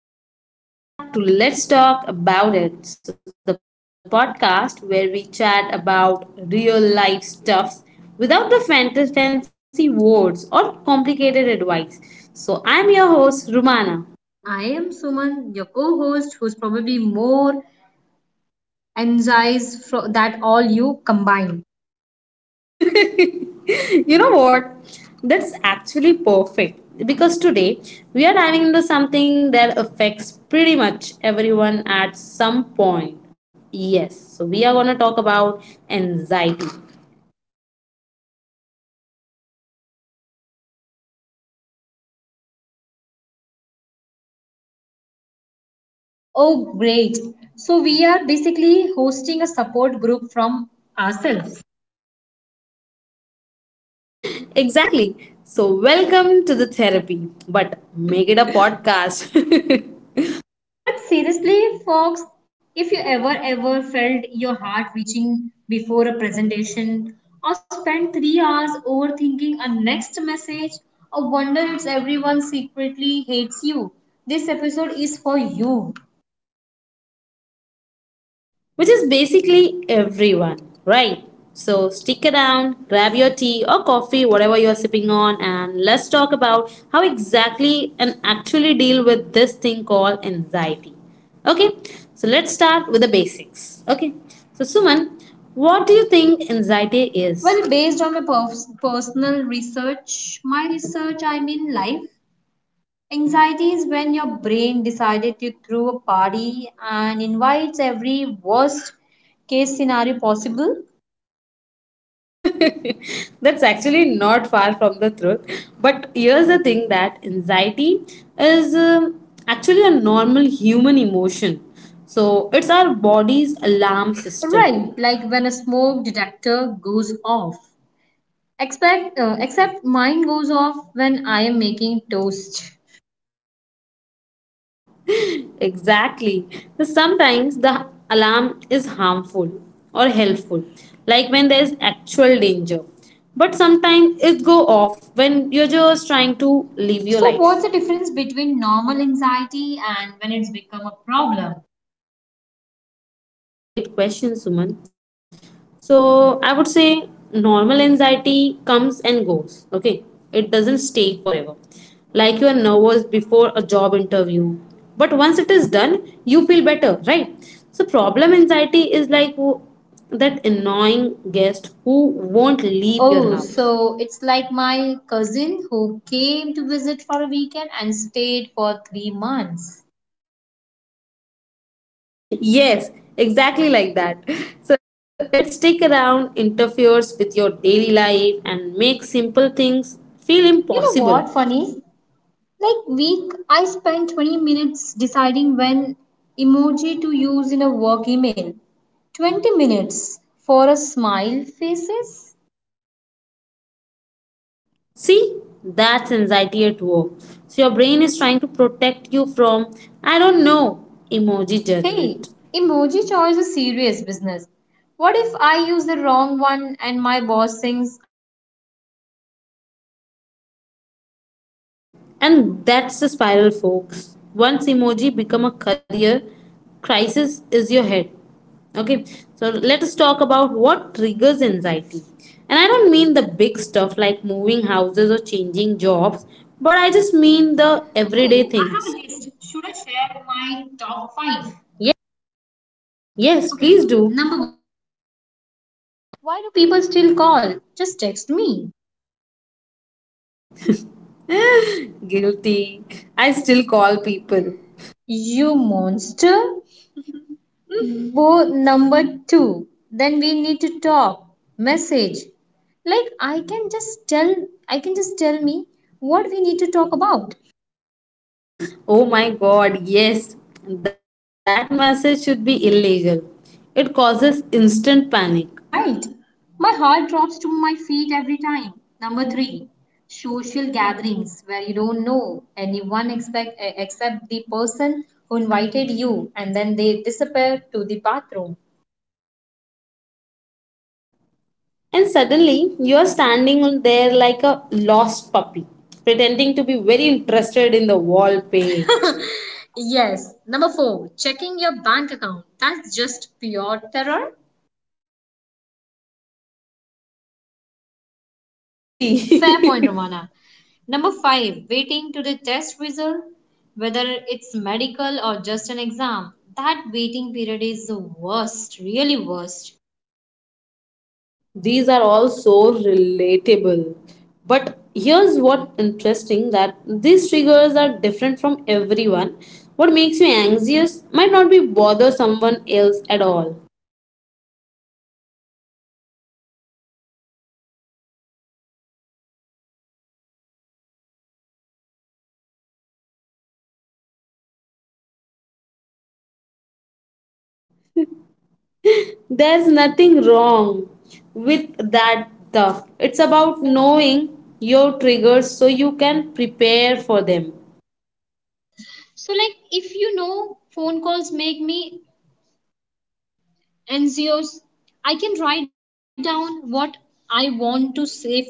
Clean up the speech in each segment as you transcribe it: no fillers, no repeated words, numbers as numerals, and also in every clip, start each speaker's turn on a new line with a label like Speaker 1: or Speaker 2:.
Speaker 1: Hey everyone, and welcome back to Let's Talk About It. So, the podcast where we chat about real life stuffs without the fancy words or complicated advice. So, I'm your host, Rumana.
Speaker 2: And I am Suman, your co host, who's probably more energized that all you combined.
Speaker 1: You know what? That's actually perfect because today we are diving into something that affects pretty much everyone at some point. Yes, so we are going to talk about anxiety.
Speaker 2: Oh, great. So, we are basically hosting a support group from ourselves.
Speaker 1: Exactly. So, welcome to the therapy, but make it a podcast.
Speaker 2: But seriously, folks, if you ever felt your heart reaching before a presentation or spent 3 hours overthinking a next message or wonder if everyone secretly hates you, this episode is for you.
Speaker 1: Which is basically everyone, right? So, stick around, grab your tea or coffee, whatever you're sipping on, and let's talk about how exactly and actually deal with this thing called anxiety. Okay, so let's start with the basics. Okay, so Suman, what do you think anxiety is?
Speaker 2: Well, based on my personal research, my research, I mean life, anxiety is when your brain decided to throw a party and invites every worst case scenario possible.
Speaker 1: That's actually not far from the truth. But here's the thing that anxiety is actually a normal human emotion. So it's our body's alarm system.
Speaker 2: Right, like when a smoke detector goes off. Expect, except mine goes off when I am making toast.
Speaker 1: Exactly. So sometimes the alarm is harmful or helpful, like when there is actual danger. But sometimes it go off when you're just trying to live
Speaker 2: So,
Speaker 1: your
Speaker 2: what's the
Speaker 1: life.
Speaker 2: difference between normal anxiety and when it's become a problem?
Speaker 1: Great question, Suman. So I would say normal anxiety comes and goes. Okay, it doesn't stay forever. Like you are nervous before a job interview, but once it is done, you feel better, right? So problem anxiety is like that annoying guest who won't leave your
Speaker 2: Oh,
Speaker 1: house.
Speaker 2: so it's like my cousin who came to visit for a weekend and stayed for 3 months.
Speaker 1: Yes, exactly like that. So it stick around, interferes with your daily life, and makes simple things feel
Speaker 2: You know
Speaker 1: impossible.
Speaker 2: what, funny? Like week, I spent 20 minutes deciding when emoji to use in a work email. 20 minutes for a smile faces?
Speaker 1: See, that's anxiety at work. So your brain is trying to protect you from, I don't know, emoji
Speaker 2: Hey,
Speaker 1: judgment.
Speaker 2: emoji choice is serious business. What if I use the wrong one and my boss thinks?
Speaker 1: And that's the spiral, folks. Once emoji become a career, crisis is your head. Okay, so let us talk about what triggers anxiety. And I don't mean the big stuff like moving houses or changing jobs,
Speaker 2: Oh,
Speaker 1: but
Speaker 2: I
Speaker 1: I
Speaker 2: have a
Speaker 1: just
Speaker 2: list.
Speaker 1: mean
Speaker 2: Should
Speaker 1: the
Speaker 2: I share
Speaker 1: everyday
Speaker 2: my
Speaker 1: things.
Speaker 2: top 5? Okay, number one. Why do people still
Speaker 1: Yes,
Speaker 2: call?
Speaker 1: please
Speaker 2: Just
Speaker 1: do.
Speaker 2: text me. You
Speaker 1: Guilty.
Speaker 2: monster.
Speaker 1: I still call people.
Speaker 2: Mm. Number two. Then we need to talk. Message. Like I can just tell. I can just tell me what we need to talk about.
Speaker 1: Oh my god, yes, that message should be illegal. It causes instant panic.
Speaker 2: Right. My heart drops to my feet every time. Number three. Social gatherings where you don't know anyone expect, except the person who invited you and then they disappear to the bathroom.
Speaker 1: And suddenly, you are standing on there like a lost puppy, pretending to be very interested in the wall paint.
Speaker 2: Yes. Number four, checking your bank account. That's just pure terror.
Speaker 1: That's not anxiety, that's just
Speaker 2: Fair point,
Speaker 1: reality.
Speaker 2: Romana. Number five, waiting to the test result, whether it's medical or just an exam. That waiting period is the worst, really worst.
Speaker 1: These are all so relatable. But here's what interesting that these triggers are different from everyone. What makes you anxious might not be bother someone else at all.
Speaker 2: True, my sister can talk to stranger like she knows them forever. Meanwhile, I rehearse ordering coffee in my head. There's nothing wrong
Speaker 1: There's nothing
Speaker 2: with
Speaker 1: wrong
Speaker 2: that term.
Speaker 1: with
Speaker 2: It's
Speaker 1: that,
Speaker 2: about
Speaker 1: though.
Speaker 2: knowing
Speaker 1: It's about
Speaker 2: your pre-
Speaker 1: knowing your triggers so you can prepare for them.
Speaker 2: so, like, if you know phone calls make me anxious, I can write down what I want to say first.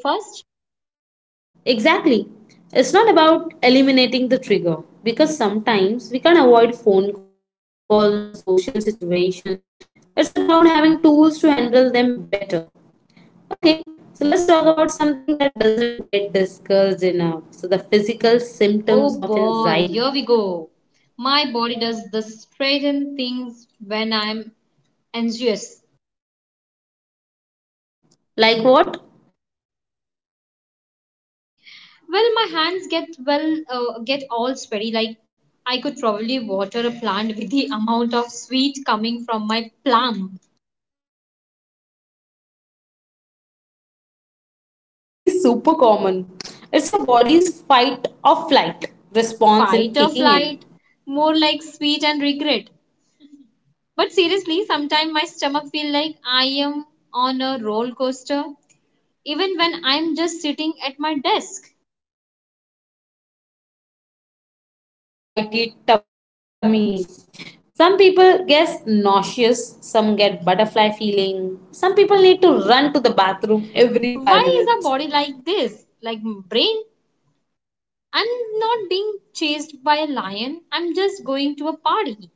Speaker 1: Exactly. It's not about eliminating the trigger because sometimes we can avoid phone calls or social situations. It's about having tools to handle them better. Okay, so let's talk about something that doesn't get discussed enough. So, the physical symptoms
Speaker 2: Oh
Speaker 1: of
Speaker 2: boy, here
Speaker 1: anxiety.
Speaker 2: we go. My body does the straighten things when I'm anxious.
Speaker 1: Like what?
Speaker 2: Well, my hands get all sweaty. Like I could probably water a plant with the amount of sweat coming from my plum.
Speaker 1: That's actually super common. It's your body's fight or flight response in
Speaker 2: Fight or
Speaker 1: kicking in.
Speaker 2: flight, more like sweet and regret. But seriously, sometimes my stomach feels like I am on a roller coaster, even when I'm just sitting at my desk.
Speaker 1: The famous anxiety tummy. Some people get nauseous, some get butterfly feeling, some people need to run to the bathroom every 5
Speaker 2: Why is a
Speaker 1: minutes.
Speaker 2: body like this? Like brain? I'm not being chased by a lion. I'm just going to a party.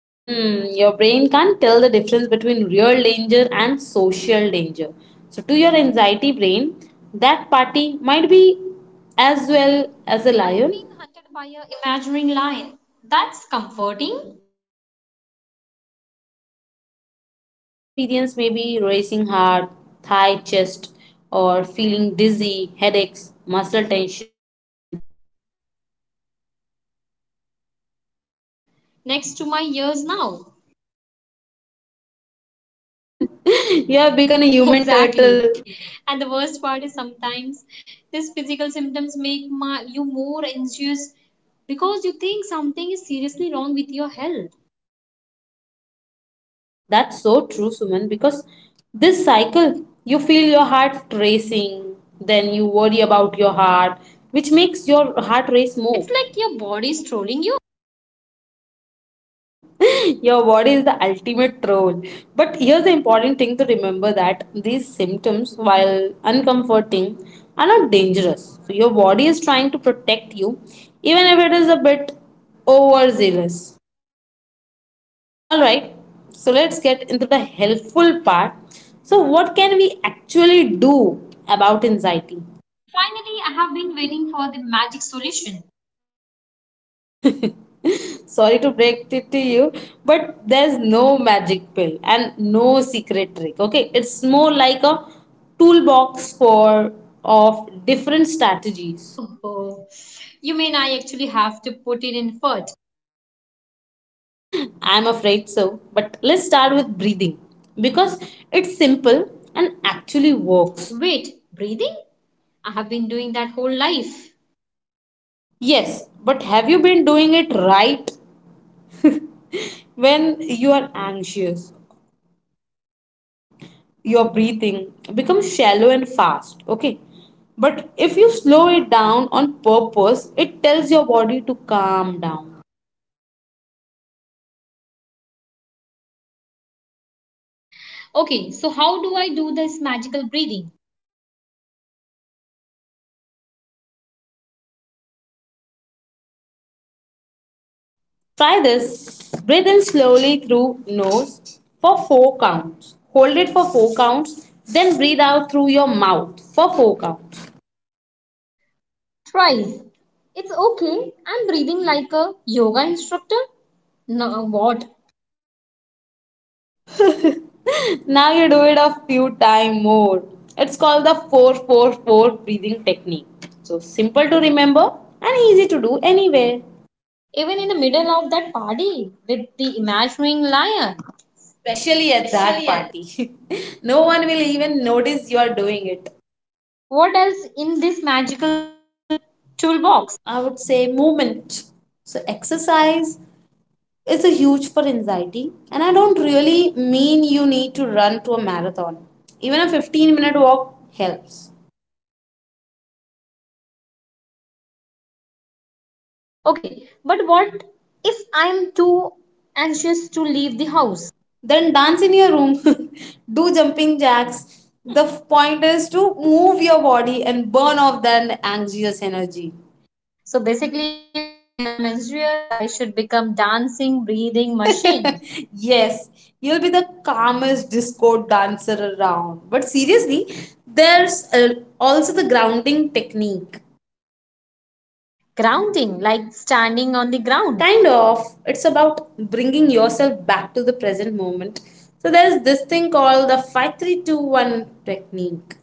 Speaker 1: Hmm, your brain can't tell the difference between real danger and social danger. So, to your anxiety brain, that party might be as
Speaker 2: Wait,
Speaker 1: well as a
Speaker 2: I'm being
Speaker 1: lion.
Speaker 2: hunted by a imaginary lion. That's comforting.
Speaker 1: Other symptoms people experience may be racing heart, high chest, or feeling dizzy, headaches, muscle tension.
Speaker 2: Oh, the muscle tension. My shoulder basically live next to my ears now.
Speaker 1: You have become a human turtle.
Speaker 2: Exactly. And the worst part is sometimes these physical symptoms make you more anxious because you think something is seriously wrong with your health.
Speaker 1: That's so true, Suman, because this cycle, you feel your heart racing, then you worry about your heart, which makes your heart race more.
Speaker 2: It's like your body is trolling you.
Speaker 1: Your body is the ultimate troll. But here's the important thing to remember that these symptoms, while uncomforting, are not dangerous. So your body is trying to protect you, even if it is a bit overzealous. Alright, so let's get into the helpful part. So, what can we actually do about anxiety?
Speaker 2: Finally, I have been waiting for the magic solution.
Speaker 1: Sorry to break it to you, but there's no magic pill and no secret trick. Okay, it's more like a toolbox for of different strategies.
Speaker 2: Oh, you mean I actually have to put in effort?
Speaker 1: I'm afraid so, but let's start with breathing because it's simple and actually works.
Speaker 2: Wait, breathing? I have been doing that whole life.
Speaker 1: Yes, but have you been doing it right? When you are anxious, your breathing becomes shallow and fast, okay, but if you slow it down on purpose, it tells your body to calm down.
Speaker 2: Okay, so how do I do this magical breathing?
Speaker 1: Try this, breathe in slowly through nose for 4 counts, hold it for 4 counts, then breathe out through your mouth for 4 counts.
Speaker 2: Twice. It's okay. I'm breathing like a yoga instructor. No, what?
Speaker 1: Now you do it a few time more. It's called the 444 breathing technique, so simple to remember and easy to do anywhere,
Speaker 2: Even in the middle of that party with the imagining lion.
Speaker 1: especially at
Speaker 2: Yes.
Speaker 1: that party. No one will even notice you are doing it.
Speaker 2: What else in this magical toolbox?
Speaker 1: I would say movement. So, exercise is a huge for anxiety, and I don't really mean you need to run to a marathon. Even a 15-minute walk helps.
Speaker 2: Okay, but what if I'm too anxious to leave the house?
Speaker 1: Then, dance in your room, do jumping jacks. The point is to move your body and burn off that anxious energy.
Speaker 2: So basically, when I'm anxious, I should become dancing, breathing machine.
Speaker 1: Yes, you'll be the calmest disco dancer around. But seriously, there's also the grounding technique.
Speaker 2: Grounding, like standing on the ground.
Speaker 1: Kind of, it's about bringing yourself back to the present moment. So there's this thing called the 5321 technique.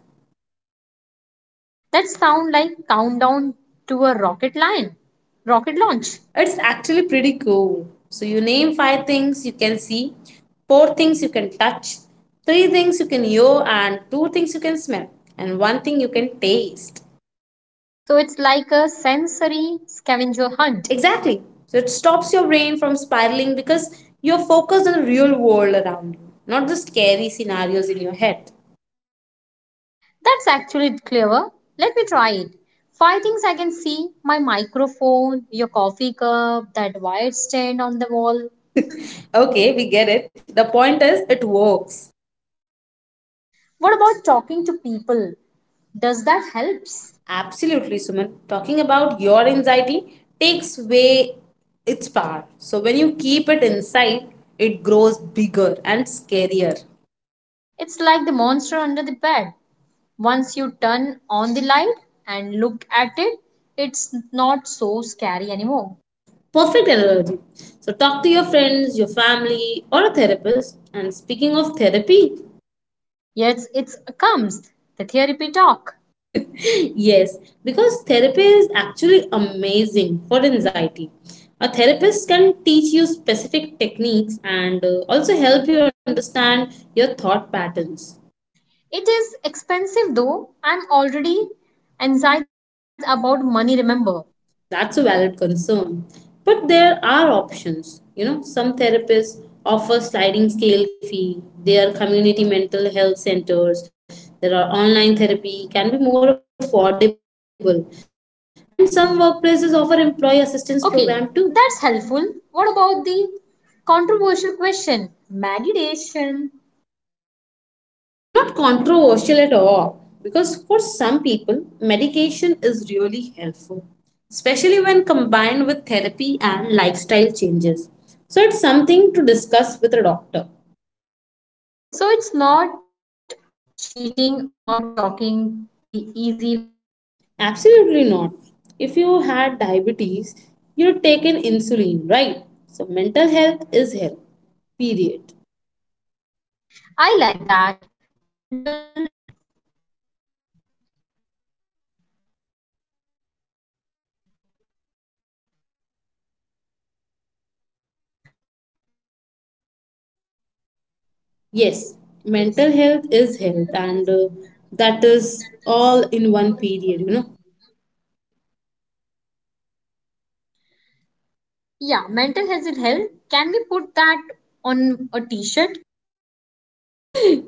Speaker 2: That sound like countdown to a rocket launch.
Speaker 1: It's actually pretty cool. So you name five things you can see, four things you can touch, three things you can hear, and two things you can smell, and one thing you can taste.
Speaker 2: So it's like a sensory scavenger hunt.
Speaker 1: Exactly. So it stops your brain from spiraling because you're focused on the real world around you, not the scary scenarios in your head.
Speaker 2: That's actually clever. Let me try it. Five things I can see my microphone, your coffee cup, that wired stand on the wall.
Speaker 1: Okay, we get it. The point is, it works.
Speaker 2: What about talking to people? Does that helps?
Speaker 1: Absolutely, Suman. Talking about your anxiety takes away its power. So when you keep it inside, it grows bigger and scarier.
Speaker 2: It's like the monster under the bed. Once you turn on the light and look at it, it's not so scary anymore.
Speaker 1: Perfect analogy. So talk to your friends, your family, or a therapist. And speaking of therapy,
Speaker 2: Yes, it comes. The therapy talk.
Speaker 1: yes, because therapy is actually amazing for anxiety. A therapist can teach you specific techniques and also help you understand your thought patterns.
Speaker 2: It is expensive though. I'm already anxious about money, remember?
Speaker 1: That's a valid concern. But there are options. You know, some therapists offer sliding scale fee, there are community mental health centers, there are online therapy, can be more affordable, and some workplaces offer employee assistance
Speaker 2: Okay,
Speaker 1: program too.
Speaker 2: that's helpful. What about the controversial question? Meditation.
Speaker 1: Not controversial at all, because for some people, medication is really helpful, especially when combined with therapy and lifestyle changes. So it's something to discuss with a doctor.
Speaker 2: So it's not cheating or talking the easy way out.
Speaker 1: Absolutely not. If you had diabetes, you'd take an insulin, right? So mental health is health, period.
Speaker 2: I like that. Mental. Yes,
Speaker 1: Yes, mental
Speaker 2: mental health
Speaker 1: health
Speaker 2: is health
Speaker 1: is health,
Speaker 2: and
Speaker 1: and that
Speaker 2: that is
Speaker 1: is
Speaker 2: all
Speaker 1: all
Speaker 2: in
Speaker 1: in
Speaker 2: one
Speaker 1: one period, you
Speaker 2: feeling.
Speaker 1: know.
Speaker 2: Yeah, mental health is health. Can we put that on a t shirt?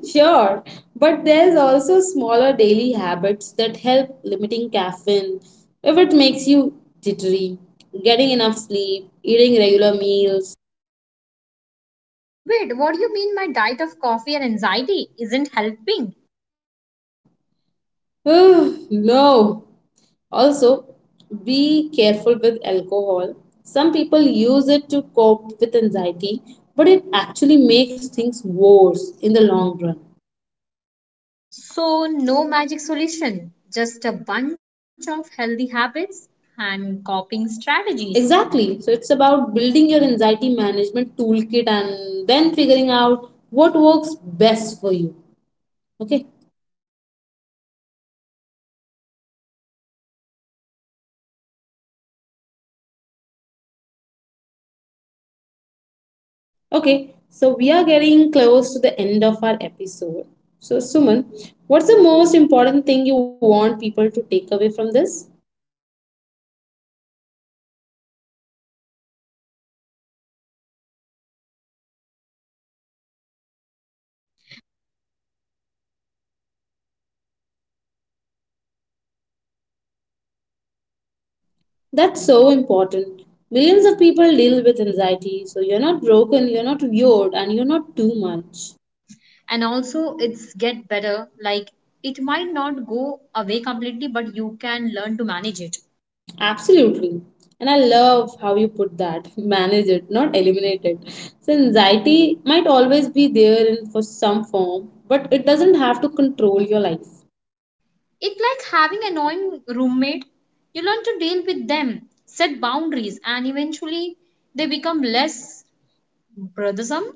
Speaker 1: Sure, but there's also smaller daily habits that help limiting caffeine. If it makes you jittery, getting enough sleep, eating regular meals.
Speaker 2: Wait, what do you mean my diet of coffee and anxiety isn't helping?
Speaker 1: Ugh, no. Also, be careful with alcohol. Some people use it to cope with anxiety, but it actually makes things worse in the long run.
Speaker 2: So, no magic solution, just a bunch of healthy habits and coping strategies.
Speaker 1: Exactly. So it's about building your anxiety management toolkit and then figuring out what works best for you. Okay, okay. So we are getting close to the end of our episode. So Suman, what's the most important thing you want people to take away from this?
Speaker 2: Honestly, that way, not alone. I can say they are not alone. I I used to think I was the only one feeling like this way, and that made everything worse.
Speaker 1: That's so important. Millions of people deal with anxiety, so you're not broken, you're not weird, and you're not too much.
Speaker 2: And also it's get better, like it might not go away completely, but you can learn to manage it.
Speaker 1: Absolutely. And I love how you put that. Manage it, not eliminate it. So anxiety might always be there in for some form, but it doesn't have to control your life.
Speaker 2: It's like having annoying roommate, you learn to deal with them, set boundaries, and eventually they become less bothersome.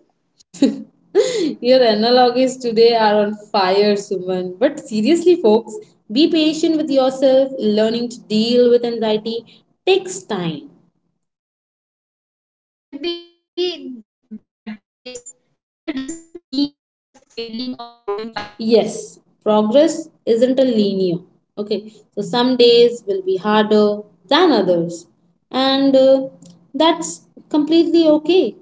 Speaker 1: Your analogies today are on fire, Suman. But seriously, folks, be patient with yourself. Learning to deal with anxiety takes time.
Speaker 2: And there will be bad days. That does not mean you are failing or growing backward.
Speaker 1: Yes, progress isn't a linear. Okay, so some days will be harder than others, and that's completely okay.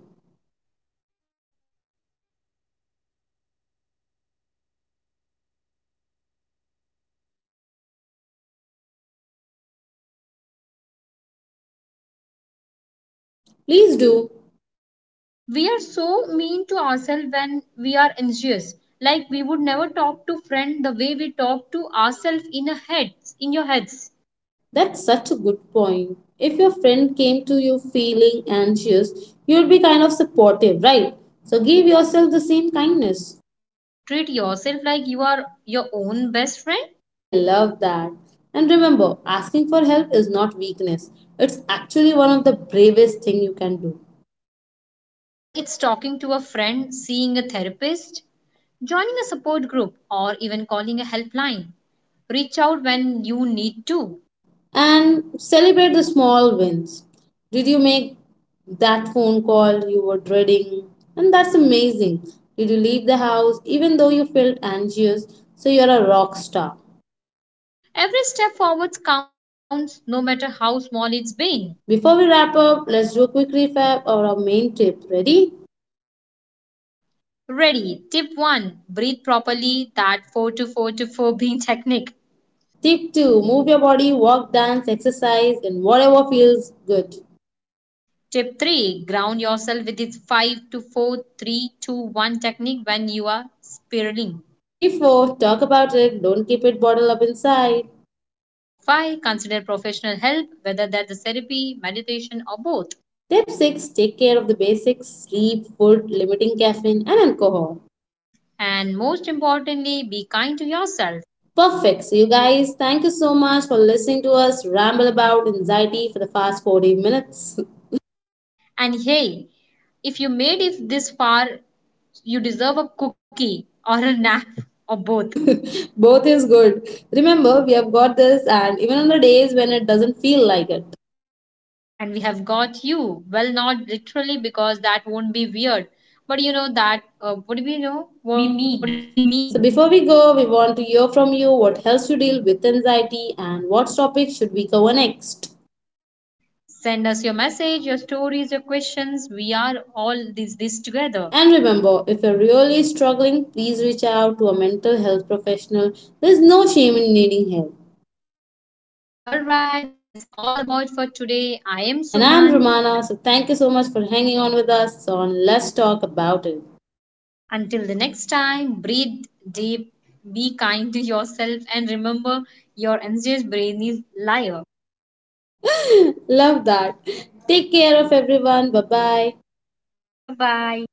Speaker 2: Can we take about self compassion for a second, because I think that's huge.
Speaker 1: Please do.
Speaker 2: We are so mean to ourselves when we are anxious. Like we would never talk to friend the way we talk to ourselves in your heads.
Speaker 1: That's such a good point. If your friend came to you feeling anxious, you'd be kind of supportive, right? So give yourself the same kindness.
Speaker 2: Treat yourself like you are your own best friend.
Speaker 1: I love that. And remember, asking for help is not weakness. It's actually one of the bravest thing you can do.
Speaker 2: Whether it's talking to a friend, seeing a therapist, joining a support group, or even calling a helpline, reach out when you need to.
Speaker 1: And celebrate the small wins. Did you make that phone call you were dreading? And that's amazing. Did you leave the house even though you felt anxious? So you're a rock star.
Speaker 2: Every step forward counts, no matter how small it's been.
Speaker 1: Before we wrap up, let's do a quick recap of our main tip. Ready?
Speaker 2: Ready. Tip 1, breathe properly. That 4 to 4 to 4 breathing technique.
Speaker 1: Tip 2, move your body, walk, dance, exercise in whatever feels good.
Speaker 2: Tip 3, ground yourself with its 5 to 4 3 2 1 technique when you are spiraling.
Speaker 1: Tip 4, talk about it, don't keep it bottled up inside.
Speaker 2: Tip 5, consider professional help, whether that's a therapy, meditation, or both.
Speaker 1: Tip 6, take care of the basics, sleep, food, limiting caffeine, and alcohol.
Speaker 2: And most importantly, be kind to yourself.
Speaker 1: Perfect. So, you guys, thank you so much for listening to us ramble about anxiety for the past 40 minutes.
Speaker 2: And hey, if you made it this far, you deserve a cookie or a nap or both.
Speaker 1: Both is good. Remember, we have got this, and even on the days when it doesn't feel like it.
Speaker 2: And we have got you. Well, not literally because that won't be weird, but you know that. What do we know?
Speaker 1: We
Speaker 2: What do you we
Speaker 1: mean.
Speaker 2: mean?
Speaker 1: So, before we go, we want to hear from you what helps you deal with anxiety and what topic should we cover next.
Speaker 2: Send us your message, your stories, your questions. We are all this together.
Speaker 1: And remember, if you're really struggling, please reach out to a mental health professional. There's no shame in needing help.
Speaker 2: All right, that's all about for today. I am
Speaker 1: And
Speaker 2: Suman.
Speaker 1: I'm Romana, so thank you so much for hanging on with us on Let's Talk About It.
Speaker 2: Until the next time, breathe deep, be kind to yourself, and remember your anxious brain is a liar.
Speaker 1: Love that. Take care of everyone. Bye bye.
Speaker 2: Bye bye.